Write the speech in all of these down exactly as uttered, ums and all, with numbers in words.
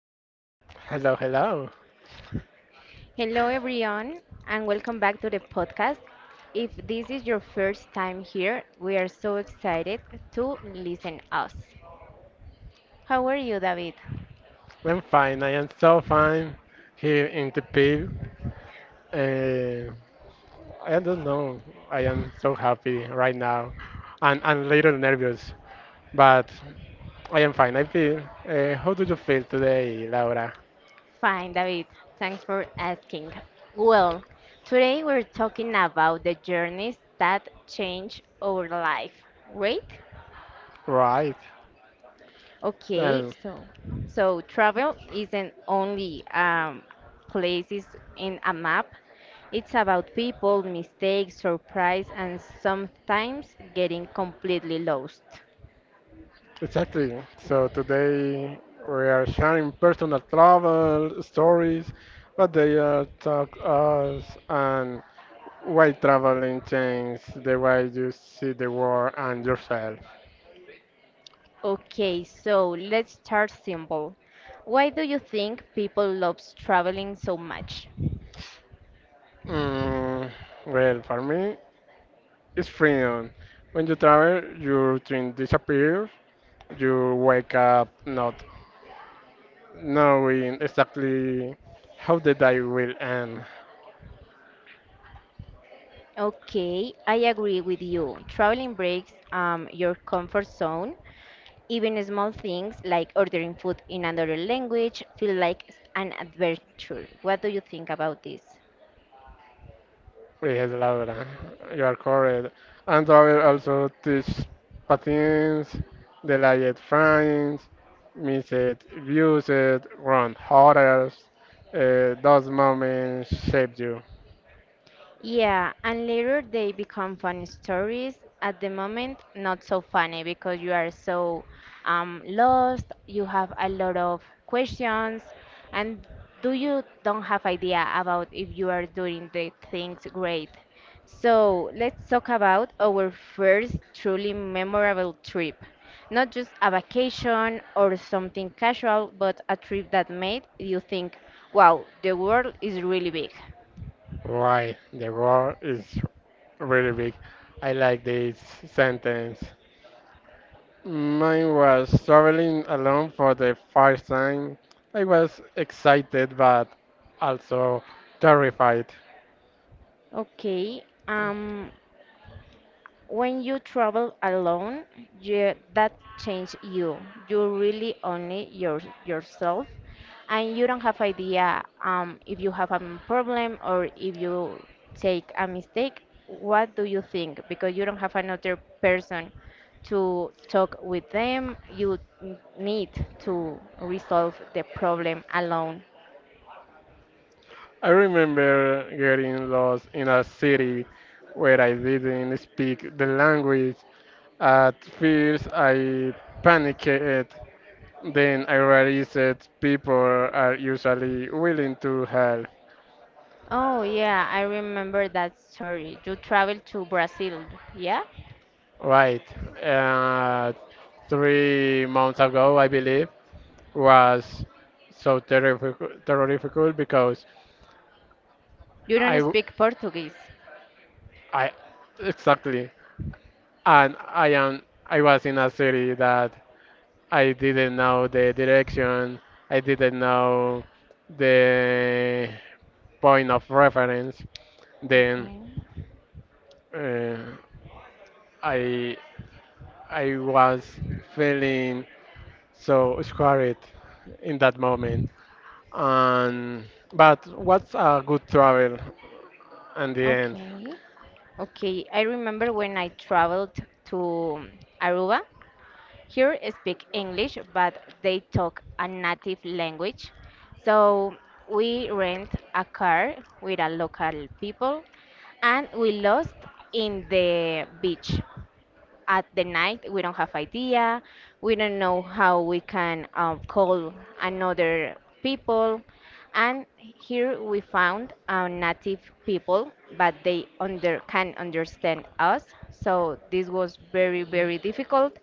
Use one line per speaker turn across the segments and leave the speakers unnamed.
hola. Hello, hello.
Hello, everyone, and welcome back to the podcast. If this is your first time here, we are so excited to listen us. How are you, David?
I'm fine. I am so fine here in the pit. Uh, I don't know. I am so happy right now and and a little nervous, but I am fine. I feel. Uh, how do you feel today, Laura?
Fine, David. Thanks for asking. Well, today we're talking about the journeys that change our life, right?
Right.
Okay,
Well,
so so travel isn't only um, places in a map. It's about people, mistakes, surprise, and sometimes getting completely lost.
exactly. So today we are sharing personal travel stories, what they uh, talk us, and why traveling change the way you see the world and yourself?
Okay, so let's start simple. Why do you think people love traveling so much?
Mm, well, for me, it's freedom. When you travel, your routine disappears. You wake up not knowing exactly how the day will end.
Okay, I agree with you. Traveling breaks um, your comfort zone. Even small things like ordering food in another language feel like an adventure. What do you think about this?
Yes, Laura, you are correct. And travel also teach patterns, delayed frames, missed views, wrong orders. Uh, those moments shaped you.
Yeah, and later they become funny stories. At the moment, not so funny because you are so um, lost, you have a lot of questions, and do you don't have idea about if you are doing the things great. So let's talk about our first truly memorable trip. Not just a vacation or something casual, but a trip that made you think, wow, the world is really big.
Why the world is really big. I like this sentence. Mine was traveling alone for the first time. I was excited but also terrified.
Okay. Um, when you travel alone, you, that change you. You really only your yourself, and you don't have idea um, if you have a problem or if you take a mistake. What do you think? Because you don't have another person to talk with them. You n- need to resolve the problem alone.
I remember getting lost in a city where I didn't speak the language. At first, I panicked. Then I realized that people are usually willing to help.
Oh yeah, I remember that story. You traveled to Brazil, yeah?
Right. Uh, Three months ago, I believe, was so terrific, terrific because
You
I,
don't
w-
speak Portuguese.
I, exactly, and I am, I was in a city that I didn't know the direction. I didn't know the point of reference. Then
Okay.
uh, I I was feeling so scared in that moment. And but what's a good travel in the end?
Okay. Okay, I remember when I traveled to Aruba. Here I speak English, but they talk a native language. So we rent a car with a local people and we lost in the beach. At the night we don't have idea, we don't know how we can um, call another people, and here we found uh, native people, but they under can understand us. So this was very very difficult,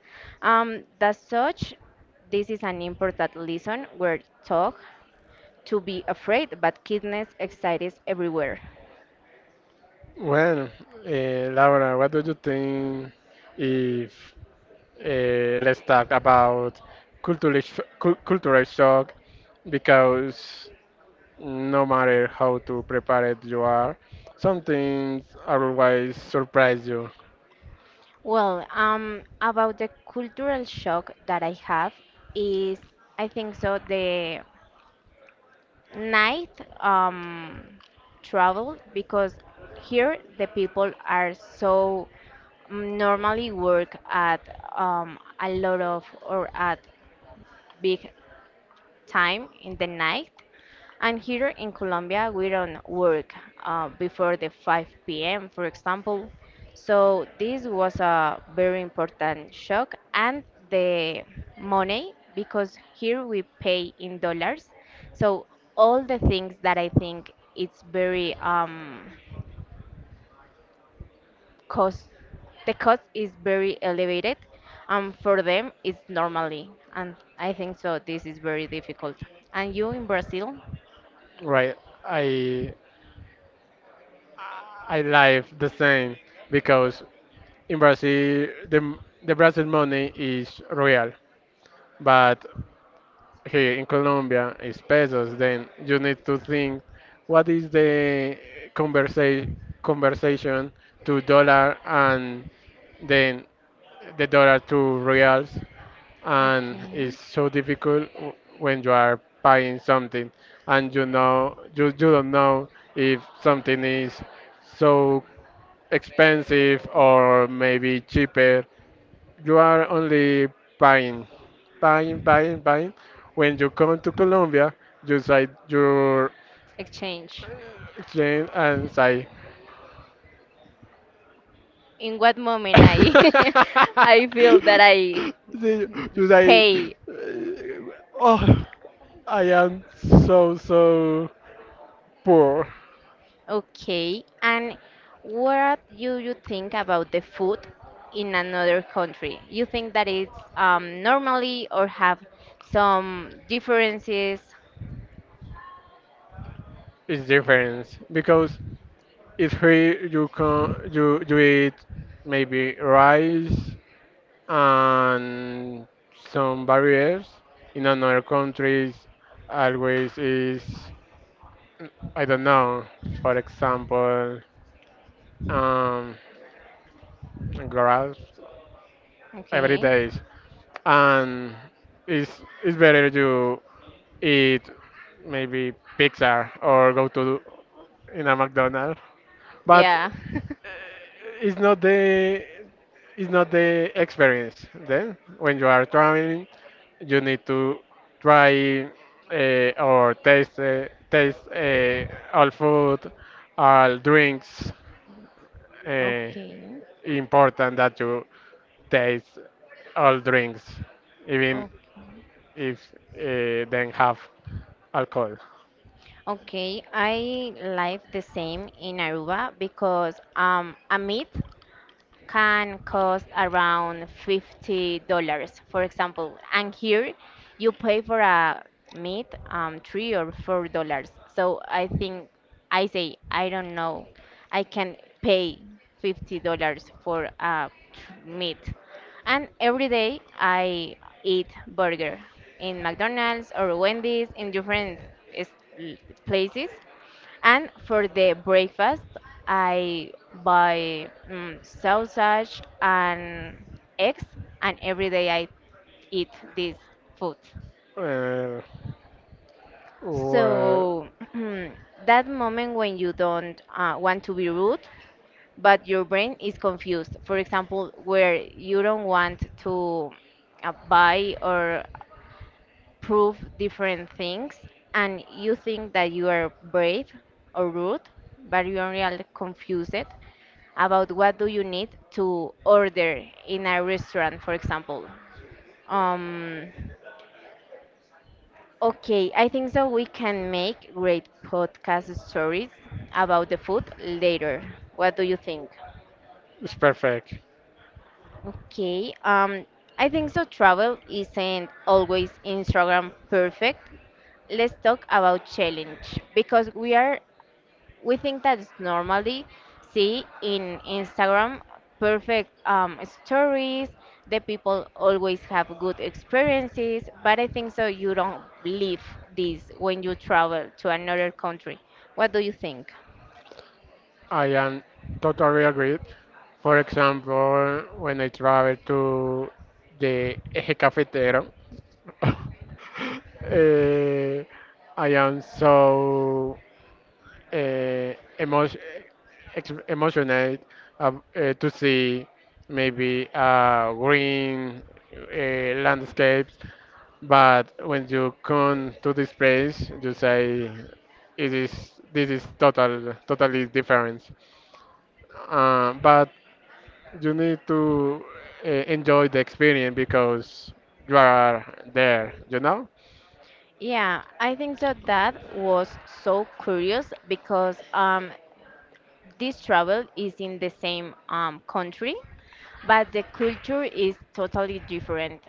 um, that such this is an important lesson where talk to be afraid, but kindness excites everywhere.
Well, uh, Laura, what do you think if uh, let's talk about cultural sh- cul- cultural shock because no matter how to prepared you are, some things always surprise you.
Well, um, about the cultural shock that I have is, I think so, the night um, travel. Because here the people are so mm, normally work at um, a lot of or at big time in the night. And here in Colombia, we don't work uh, before the five p m, for example. So this was a very important shock. And the money, because here we pay in dollars. So all the things that I think it's very um, cost, the cost is very elevated. Um, for them, it's normally. And I think so, this is very difficult. And you in Brazil?
Right? I I live the same because in Brazil the the Brazil money is real, but here in Colombia is pesos. Then you need to think what is the conversa- conversation to dollar, and then the dollar to reals, and it's
Okay.
so difficult w- when you are buying something and you know you, you don't know if something is so expensive or maybe cheaper. You are only buying buying buying buying when you come to Colombia. You say your
Exchange.
exchange and say
In what moment I I feel that I
See, you say,
pay?
oh, I am so so poor.
Okay, and what do you think about the food in another country? You think that it's um, normally or have some differences?
Is different because if here you can you you eat maybe rice and some barriers, in another countries always is, I don't know, for example, um grass every
Okay.
day. And it's it's better to eat maybe pizza or go to in a McDonald's, but
Yeah.
it's not the it's not the experience. Then when you are traveling you need to try uh, or taste uh, taste uh, all food, all drinks. uh,
Okay.
Important that you taste all drinks even
Okay.
if uh, then have alcohol.
Okay, I live the same in Aruba, because um, a meet can cost around fifty dollars for example. And here you pay for a meat um, three or four dollars. So I think I say I don't know. I can pay fifty dollars for a tr- meat. And every day I eat burger in McDonald's or Wendy's in different is- places, and for the breakfast, I buy mm, sausage and eggs, and every day I eat this food.
uh, well,
So that moment when you don't uh, want to be rude, but your brain is confused. For example, where you don't want to uh, buy or prove different things and you think that you are brave or rude, but you are really confused about what do you need to order in a restaurant, for example. Um, okay, I think that we can make great podcast stories about the food later. What do you think?
it's perfect.
Okay. Um, I think so. Travel isn't always Instagram perfect. Let's talk about challenge, because we are we think that's normally see in Instagram perfect um, stories. The people always have good experiences, but I think so. You don't live this when you travel to another country. What do you think?
I am totally agreed. For example, when I travel to the Eje Cafetero, eh, I am so uh, emotion, ex emotional ab- eh, to see maybe uh, green uh, landscapes. But when you come to this place, you say, it is, this is total, totally different, uh, but you need to uh, enjoy the experience because you are there, you know?
Yeah, I think so that was so curious because um this travel is in the same um, country, but the culture is totally different.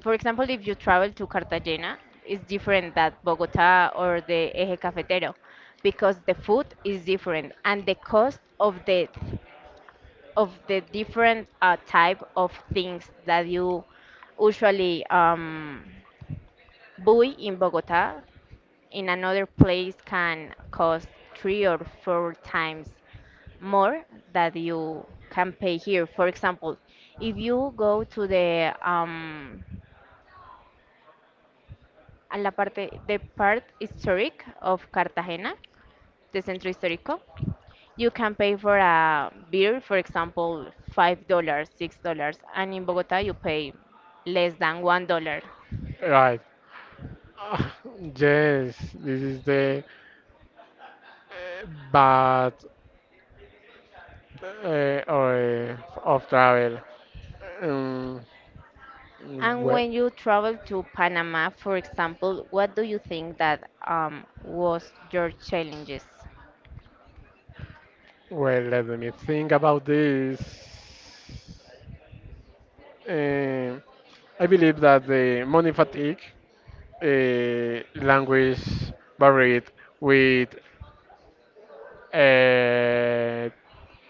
For example, if you travel to Cartagena, it's different than Bogota or the Eje Cafetero, because the food is different and the cost of the of the different uh, type of things that you usually um, buy in Bogota in another place can cost three or four times more that you can pay here. For example, if you go to the um, a la parte the part historic of Cartagena, the centro histórico, you can pay for a beer, for example, five dollars, six dollars, and in Bogota you pay less than one dollar.
Right. Ah, yes, this is the uh, bad uh, or, eh, of travel. Um,
And
well,
when you travel to Panama, for example, what do you think that um, was your challenges?
well, let me think about this. Um, I believe that the money fatigue, uh, language buried with uh,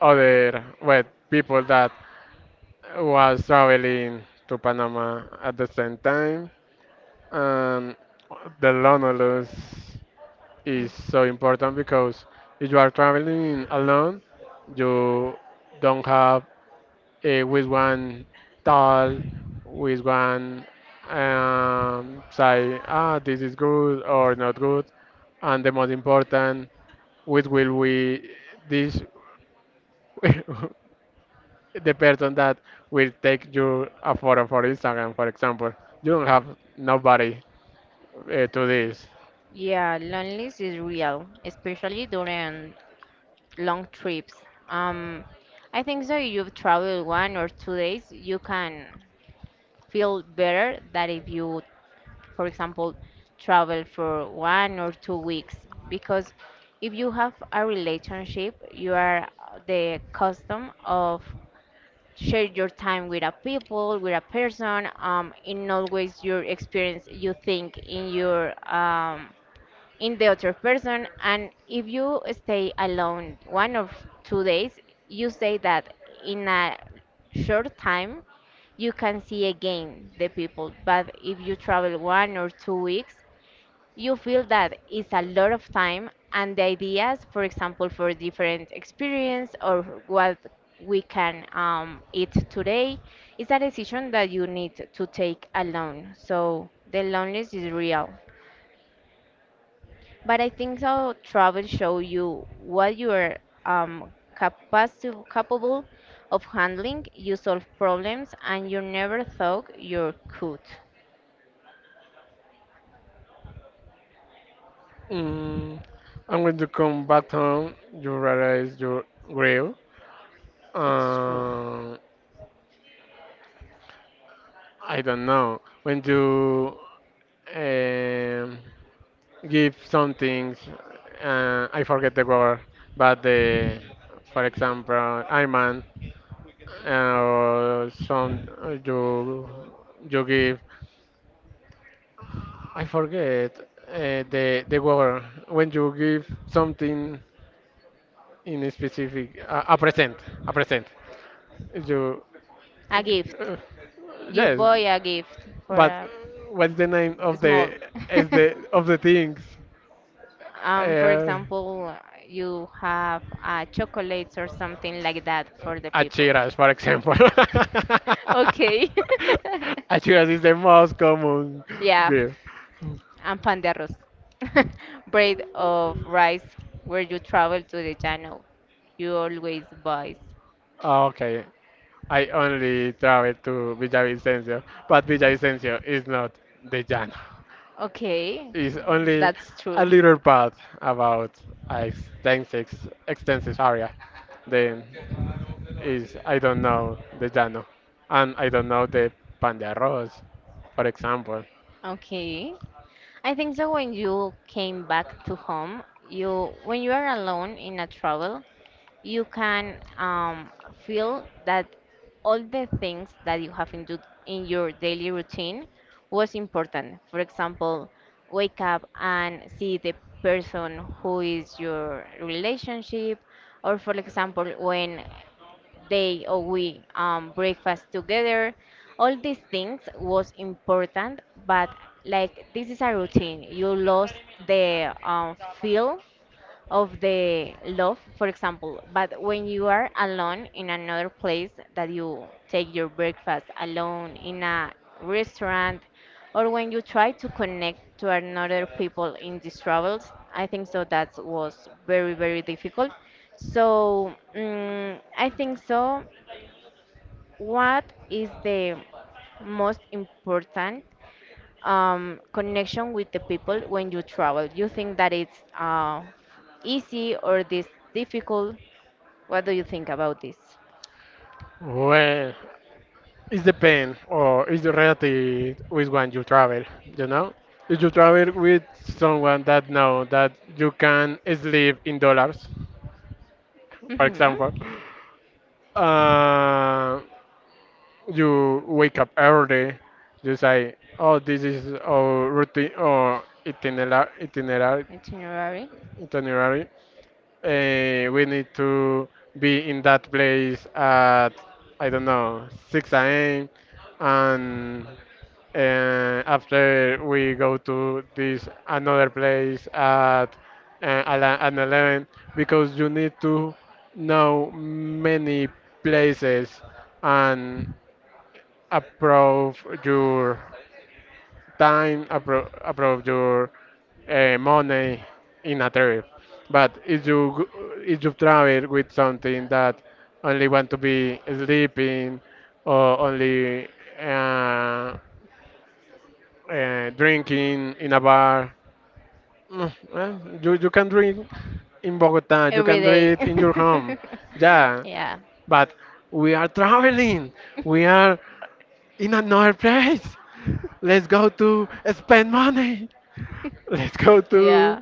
other well people that was traveling to Panama at the same time. And the loneliness is so important because if you are traveling alone, you don't have a with one tall, with one um, say, ah, this is good or not good, and the most important, which will we this, the person that will take you a photo for Instagram, for example. You don't have nobody uh, to this.
Yeah, loneliness is real, especially during long trips. Um, I think so. You've traveled one or two days, you can feel better that if you, for example, travel for one or two weeks. Because if you have a relationship, you are the custom of share your time with a people, with a person. Um, in always your experience, you think in your um, in the other person, and if you stay alone one or two days, you say that in a short time you can see again the people. But if you travel one or two weeks, you feel that it's a lot of time, and the ideas, for example, for different experience or what we can um, eat today is a decision that you need to take alone. So the loneliness is real, but I think so travel show you what you are um capacity capable of handling. You solve problems and you never thought you could.
Mm, and when you come back home, you realize you're
It's true.
Uh, I don't know. When you um, give some things, uh, I forget the word, but the, for example, Iman, uh, some uh, you you give. I forget uh, the the word when you give something in a specific uh, a, a present, a present, you
A gift.
uh,
You
yes,
buy a gift for
but
a
what's the name of the,
small.
is the of the things
Um, for
uh,
example, you have uh, chocolates or something like that for the people.
achiras, for example.
Okay.
Achiras is the most common
Yeah.
gift.
And pan de arroz, bread of rice, where you travel to the channel. You always buy.
Ah, okay, I only travel to Villavicencio, but Villavicencio is not the Llano,
Okay,
is only
that's
a
true.
little part about a extensive, extensive area. Then is, I don't know the llano, and I don't know the pan de arroz, for example.
Okay. I think that when you came back to home, you when you are alone in a travel, you can um, feel that all the things that you have in do in your daily routine was important. For example, wake up and see the person who is your relationship, or for example, when they or we um, breakfast together. All these things was important, but like this is a routine. You lost the um, feel of the love, for example. But when you are alone in another place that you take your breakfast alone in a restaurant, or when you try to connect to another people in these travels, I think so that was very, very difficult. So mm I think so. What is the most important um, connection with the people when you travel? You think that it's uh, easy or this difficult? What do you think about this?
Well, it depends, or it's relative with one you travel. You know, if you travel with someone that know that you can sleep in dollars, for
Hmm.
example, uh, you wake up early, you say, oh, this is our routine or itinerary, itinerary,
Itinerary
itinerary. Uh, we need to be in that place at, I don't know, six a m. And uh, after we go to this another place at uh, ala- at eleven because you need to know many places and approve your time, appro- approve your uh, money in a trip. But if you go- if you travel with something that only want to be sleeping or only uh, uh, drinking in a bar, mm, well, you you can drink in Bogota, you
every
can do it
day.
in your home. Yeah,
Yeah,
but we are traveling. We are in another place. Let's go to spend money. Let's go to
yeah.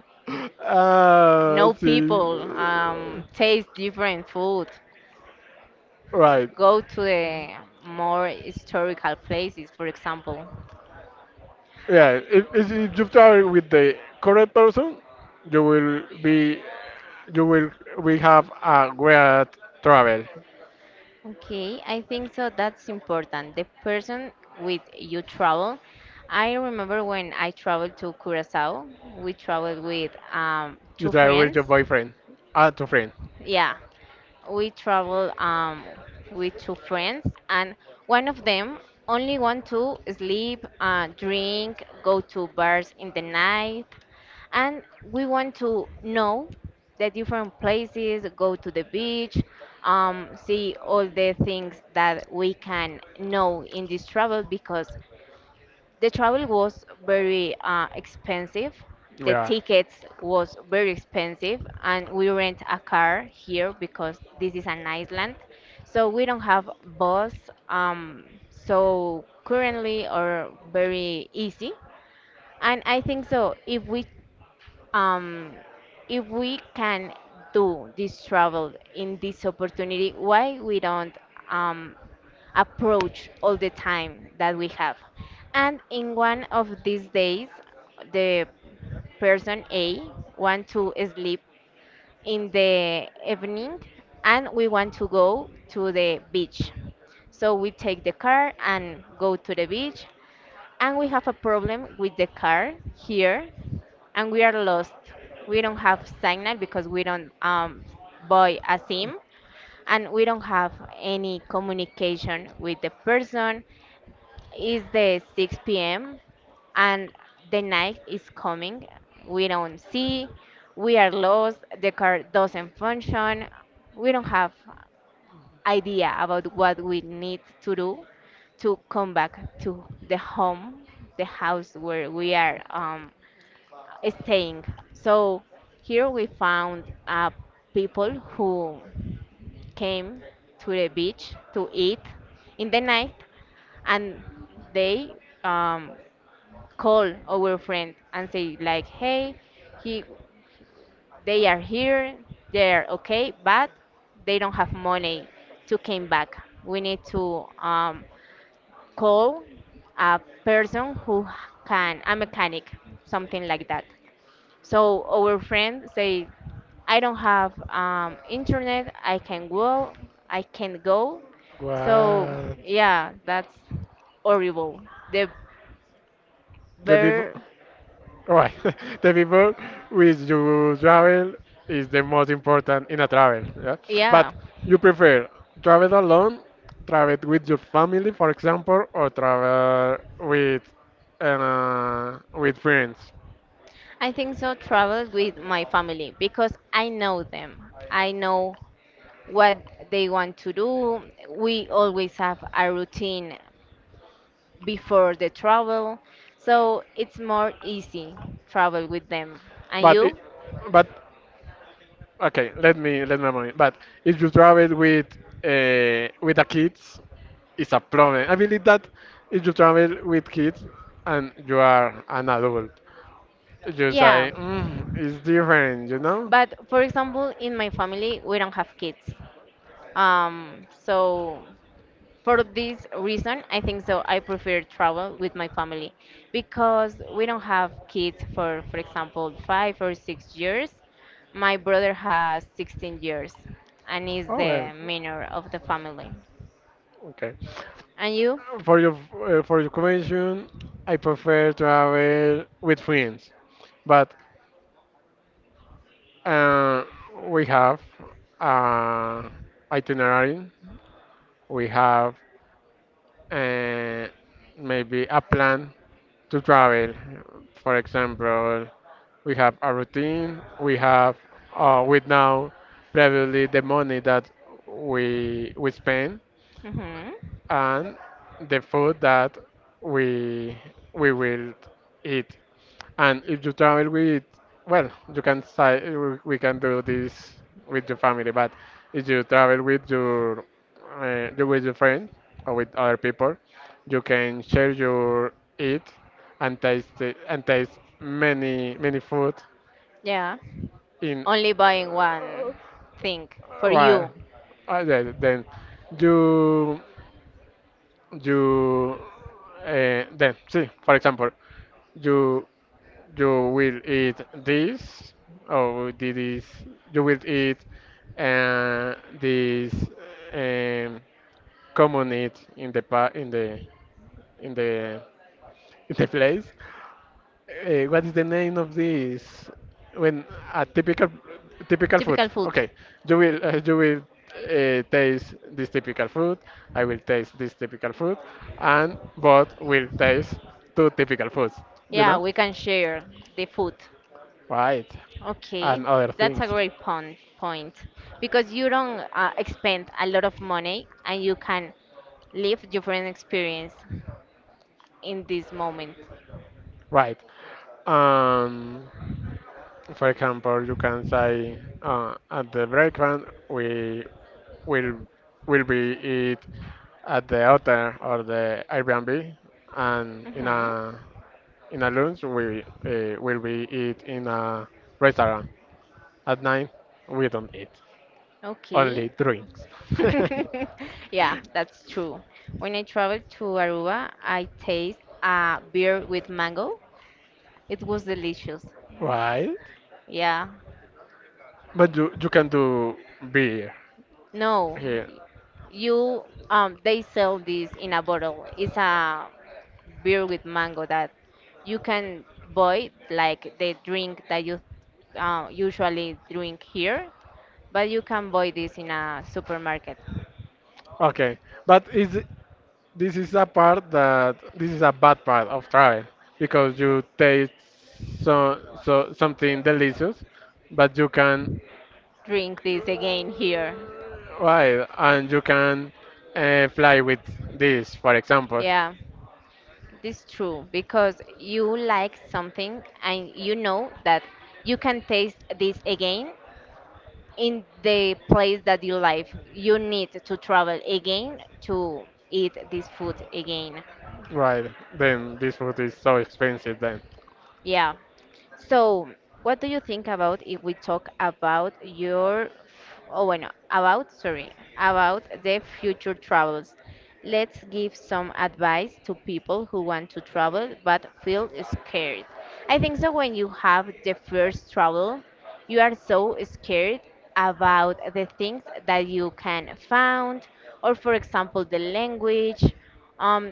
uh
no
see.
people.
uh,
Um, taste different food.
Right.
Go to the more historical places, for example.
Yeah. If, if if you travel with the correct person, you will be you will we have a great travel.
Okay, I think so. That's important. The person with you travel. I remember when I traveled to Curacao, we traveled with um,
You
two
travel with your
friends.
boyfriend and your friend.
Yeah, we travel um, with two friends, and one of them only want to sleep, uh, drink, go to bars in the night, and we want to know the different places, go to the beach, um, see all the things that we can know in this travel, because the travel was very uh, expensive. The
Yeah.
tickets was very expensive, and we rent a car here because this is an island, so we don't have bus. Um, so currently, or very easy, and I think so. If we um, if we can do this travel in this opportunity, why we don't um, approach all the time that we have? And in one of these days, the person A want to sleep in the evening and we want to go to the beach. So we take the car and go to the beach, and we have a problem with the car here, and we are lost. We don't have signal because we don't um, buy a SIM, and we don't have any communication with the person. It's the six p m and the night is coming. We don't see. We are lost. The car doesn't function. We don't have idea about what we need to do to come back to the home, the house where we are um, staying. So here we found uh, people who came to the beach to eat in the night, and they um, call our friend and say like, "Hey, he, they are here, they're okay, but they don't have money to came back. We need to um, call a person who can a mechanic, something like that. So our friend say, i don't have um, internet. I can go i can go So
What?
yeah, that's horrible. The
The people.
bear.
Right. The people with you travel is the most important in a travel. Yeah.
Yeah,
But you prefer travel alone, travel with your family, for example, or travel with uh, with friends.
I think so, travel with my family because I know them. I know what they want to do. We always have a routine before the travel. So it's more easy travel with them. And
But it,
you?
but okay. Let me let me remember. But if you travel with uh, with the kids, it's a problem. I believe that if you travel with kids and you are an adult, just
Yeah.
say, mm, it's different, you know?
But for example, in my family, we don't have kids. Um, so for this reason, I think so I prefer travel with my family because we don't have kids for, for example, five or six years. My brother has sixteen years and is
Oh,
the
well,
minor of the family.
okay.
And you?
For your uh, for your convention, I prefer to have it with friends, but uh, we have uh, itinerary. We have uh, maybe a plan to travel. For example, we have a routine. We have uh, with now previously the money that we we spend
Mm-hmm.
and the food that we we will eat. And if you travel with, well, you can say we we can do this with your family, but if you travel with your uh, you with your friend or with other people, you can share your eat and taste it, and taste many many food
Yeah.
in
Only buying one
uh,
thing for
right.
you.
Uh, yeah, then you you uh, then see, for example, you you will eat this or this, you will eat uh, this um, common eat in the pa in the in the in the place. Uh, what is the name of this? When a typical typical food.
Typical food.
Okay, you will uh, you will uh, taste this typical food. I will taste this typical food, and both will taste two typical foods. You
Yeah,
know,
we can share the food.
right?
Okay,
And other
that's
things,
a great pon- point because you don't uh, expend a lot of money and you can live different experience in this moment.
right? Um, for example, you can say uh, at the breakfast we will will be eat at the hotel or the Airbnb, and in
Hmm.
a in a lunch we uh, will be eat in a restaurant. At night we don't eat,
Okay.
only drinks.
Yeah, that's true. When I traveled to Aruba, I taste a beer with mango. It was delicious.
Right?
Yeah.
But you you can do beer
No,
here.
you um they sell this in a bottle. It's a beer with mango that you can buy like the drink that you uh, usually drink here, but you can buy this in a supermarket.
Okay, but is, this is a part that this is a bad part of travel because you taste so so something delicious, but you can,
Drink this again here.
right, and you can uh, fly with this, for example.
Yeah, this is true because you like something and you know that you can taste this again in the place that you live, you need to travel again to eat this food again.
Right, then this food is so expensive then.
Yeah. So, what do you think about if we talk about your, oh, bueno, about, sorry, about the future travels? Let's give some advice to people who want to travel but feel scared. I think so when you have the first travel, you are so scared about the things that you can find, or for example, the language. Um,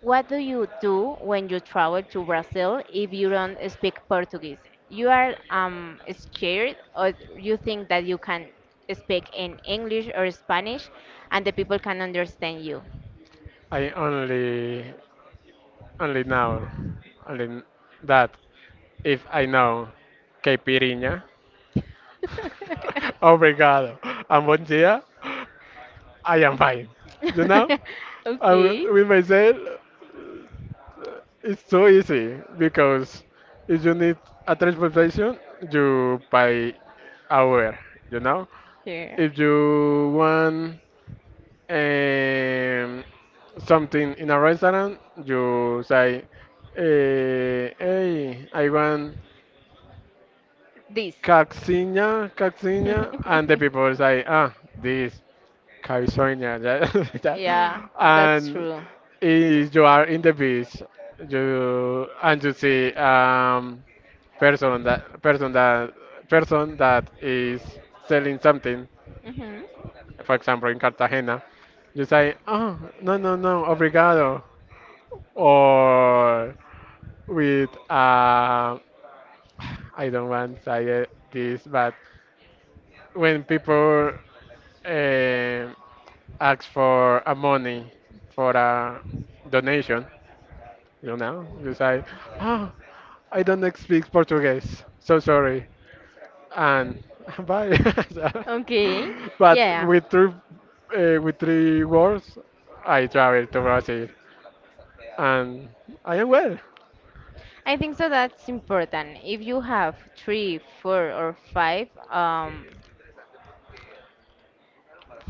what do you do when you travel to Brazil if you don't speak Portuguese? You are um, scared, or you think that you can speak in English or Spanish, and the people can understand you.
I only only know only kn- that if I know caipirinha, obrigado, and bom dia, I am fine. You know? I would-
Okay.
with myself, it's so easy because if you need a transportation, you buy hour, you know?
Here.
If you want um, something in a restaurant, you say, eh, hey, I want
This.
cacciña, cacciña, and the people say, ah, this, California, that, that.
Yeah, that's
And
true.
if you are in the beach, you and you see um person that person that person that is selling something,
Hmm.
for example in Cartagena, you say, oh no no no, obrigado, or with uh, I don't want to say it- this, but when people um ask for a money for a donation, you know, you say, ah, I don't speak Portuguese, so sorry, and bye.
Okay,
But
yeah,
with three, uh, with three words, I travel to Brazil, and I am well.
I think so. That's important. If you have three, four, or five um,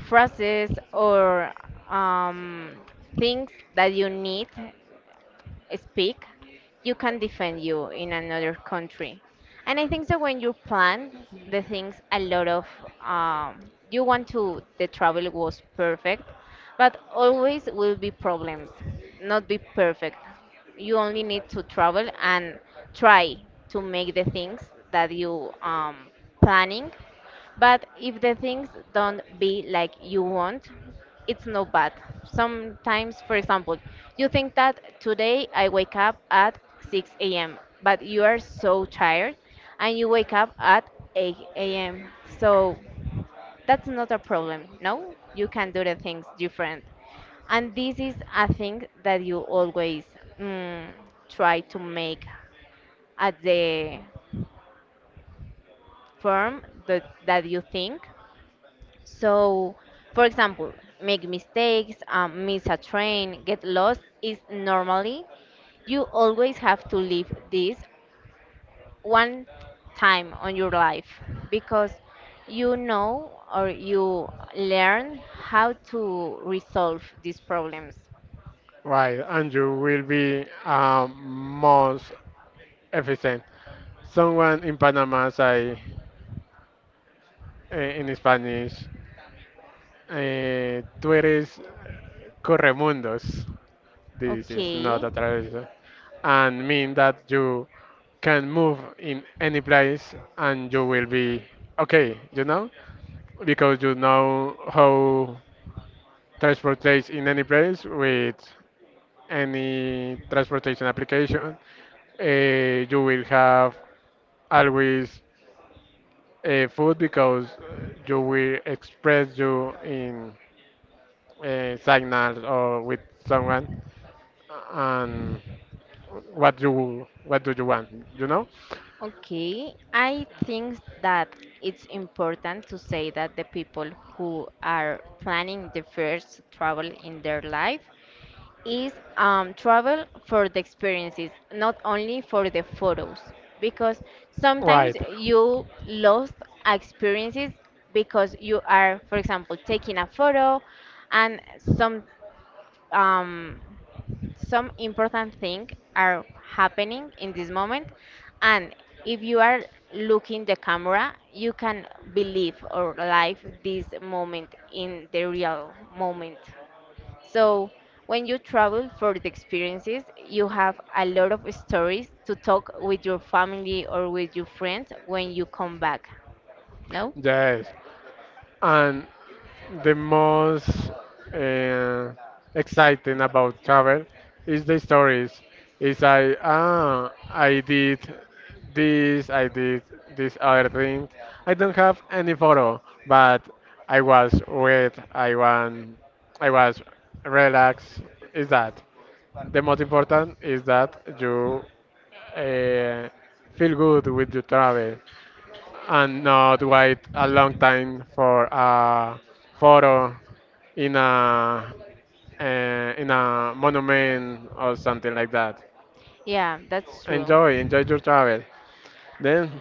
phrases or um, things that you need speak, you can defend you in another country. And I think that when you plan the things, a lot of um, you want to the travel was perfect, but always will be problems, not be perfect. You only need to travel and try to make the things that you um planning, but if the things don't be like you want, it's no bad. Sometimes, for example, you think that today I wake up at six a m, but you are so tired and you wake up at eight a m. So that's not a problem, no? You can do the things different. And this is a thing that you always mm, try to make at the firm that, that you think. So, for example, make mistakes, um, miss a train, get lost is normally. You always have to live this one time on your life because you know or you learn how to resolve these problems.
Right, and you will be um, most efficient. Someone in Panama say uh, in Spanish, eh, tú eres corremundos. This is not
Okay,
a tradition. And mean that you can move in any place and you will be okay, you know, because you know how transportation in any place with any transportation application, uh, you will have always uh, food because you will express you in uh, signals or with someone and what you what do you want, you know?
okay. I think that it's important to say that the people who are planning the first travel in their life is um, travel for the experiences, not only for the photos. Because sometimes
Right.
you lost experiences because you are, for example, taking a photo, and some um, some important things are happening in this moment, and if you are looking the camera, you can believe or live this moment in the real moment. So, when you travel for the experiences, you have a lot of stories to talk with your family or with your friends when you come back. No?
Yes. And the most uh, exciting about travel is the stories. It's like, ah, I did this, I did this other thing. I don't have any photo, but I was with, I want, I was relaxed. Is that the most important? Is that you uh, feel good with your travel and not wait a long time for a photo in a uh, in a monument or something like that.
Yeah, that's true.
Enjoy, enjoy your travel. Then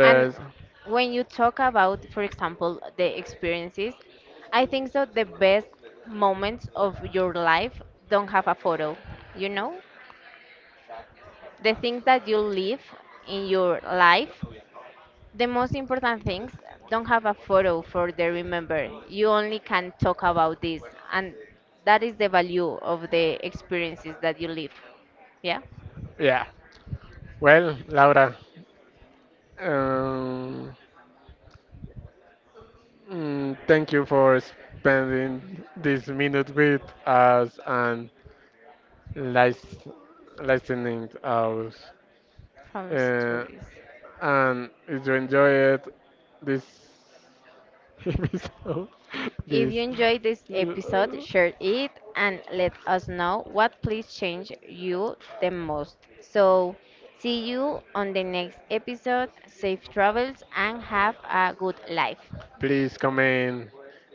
And when you talk about, for example, the experiences, I think that the best moments of your life don't have a photo, you know? The things that you live in your life, the most important things don't have a photo for the remember. You only can talk about this, and that is the value of the experiences that you live. Yeah,
yeah. Well, Laura, um, mm, thank you for spending this minute with us and lis- listening to us.
from
Uh,
stories.
and if you enjoy it, this episode.
If
Please,
you enjoyed this episode,
uh,
share it and let us know what please change you the most. So, see you on the next episode. Safe travels and have a good life.
please comment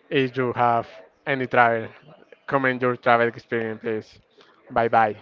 if you have any travel. Comment your travel experience, please. Bye bye.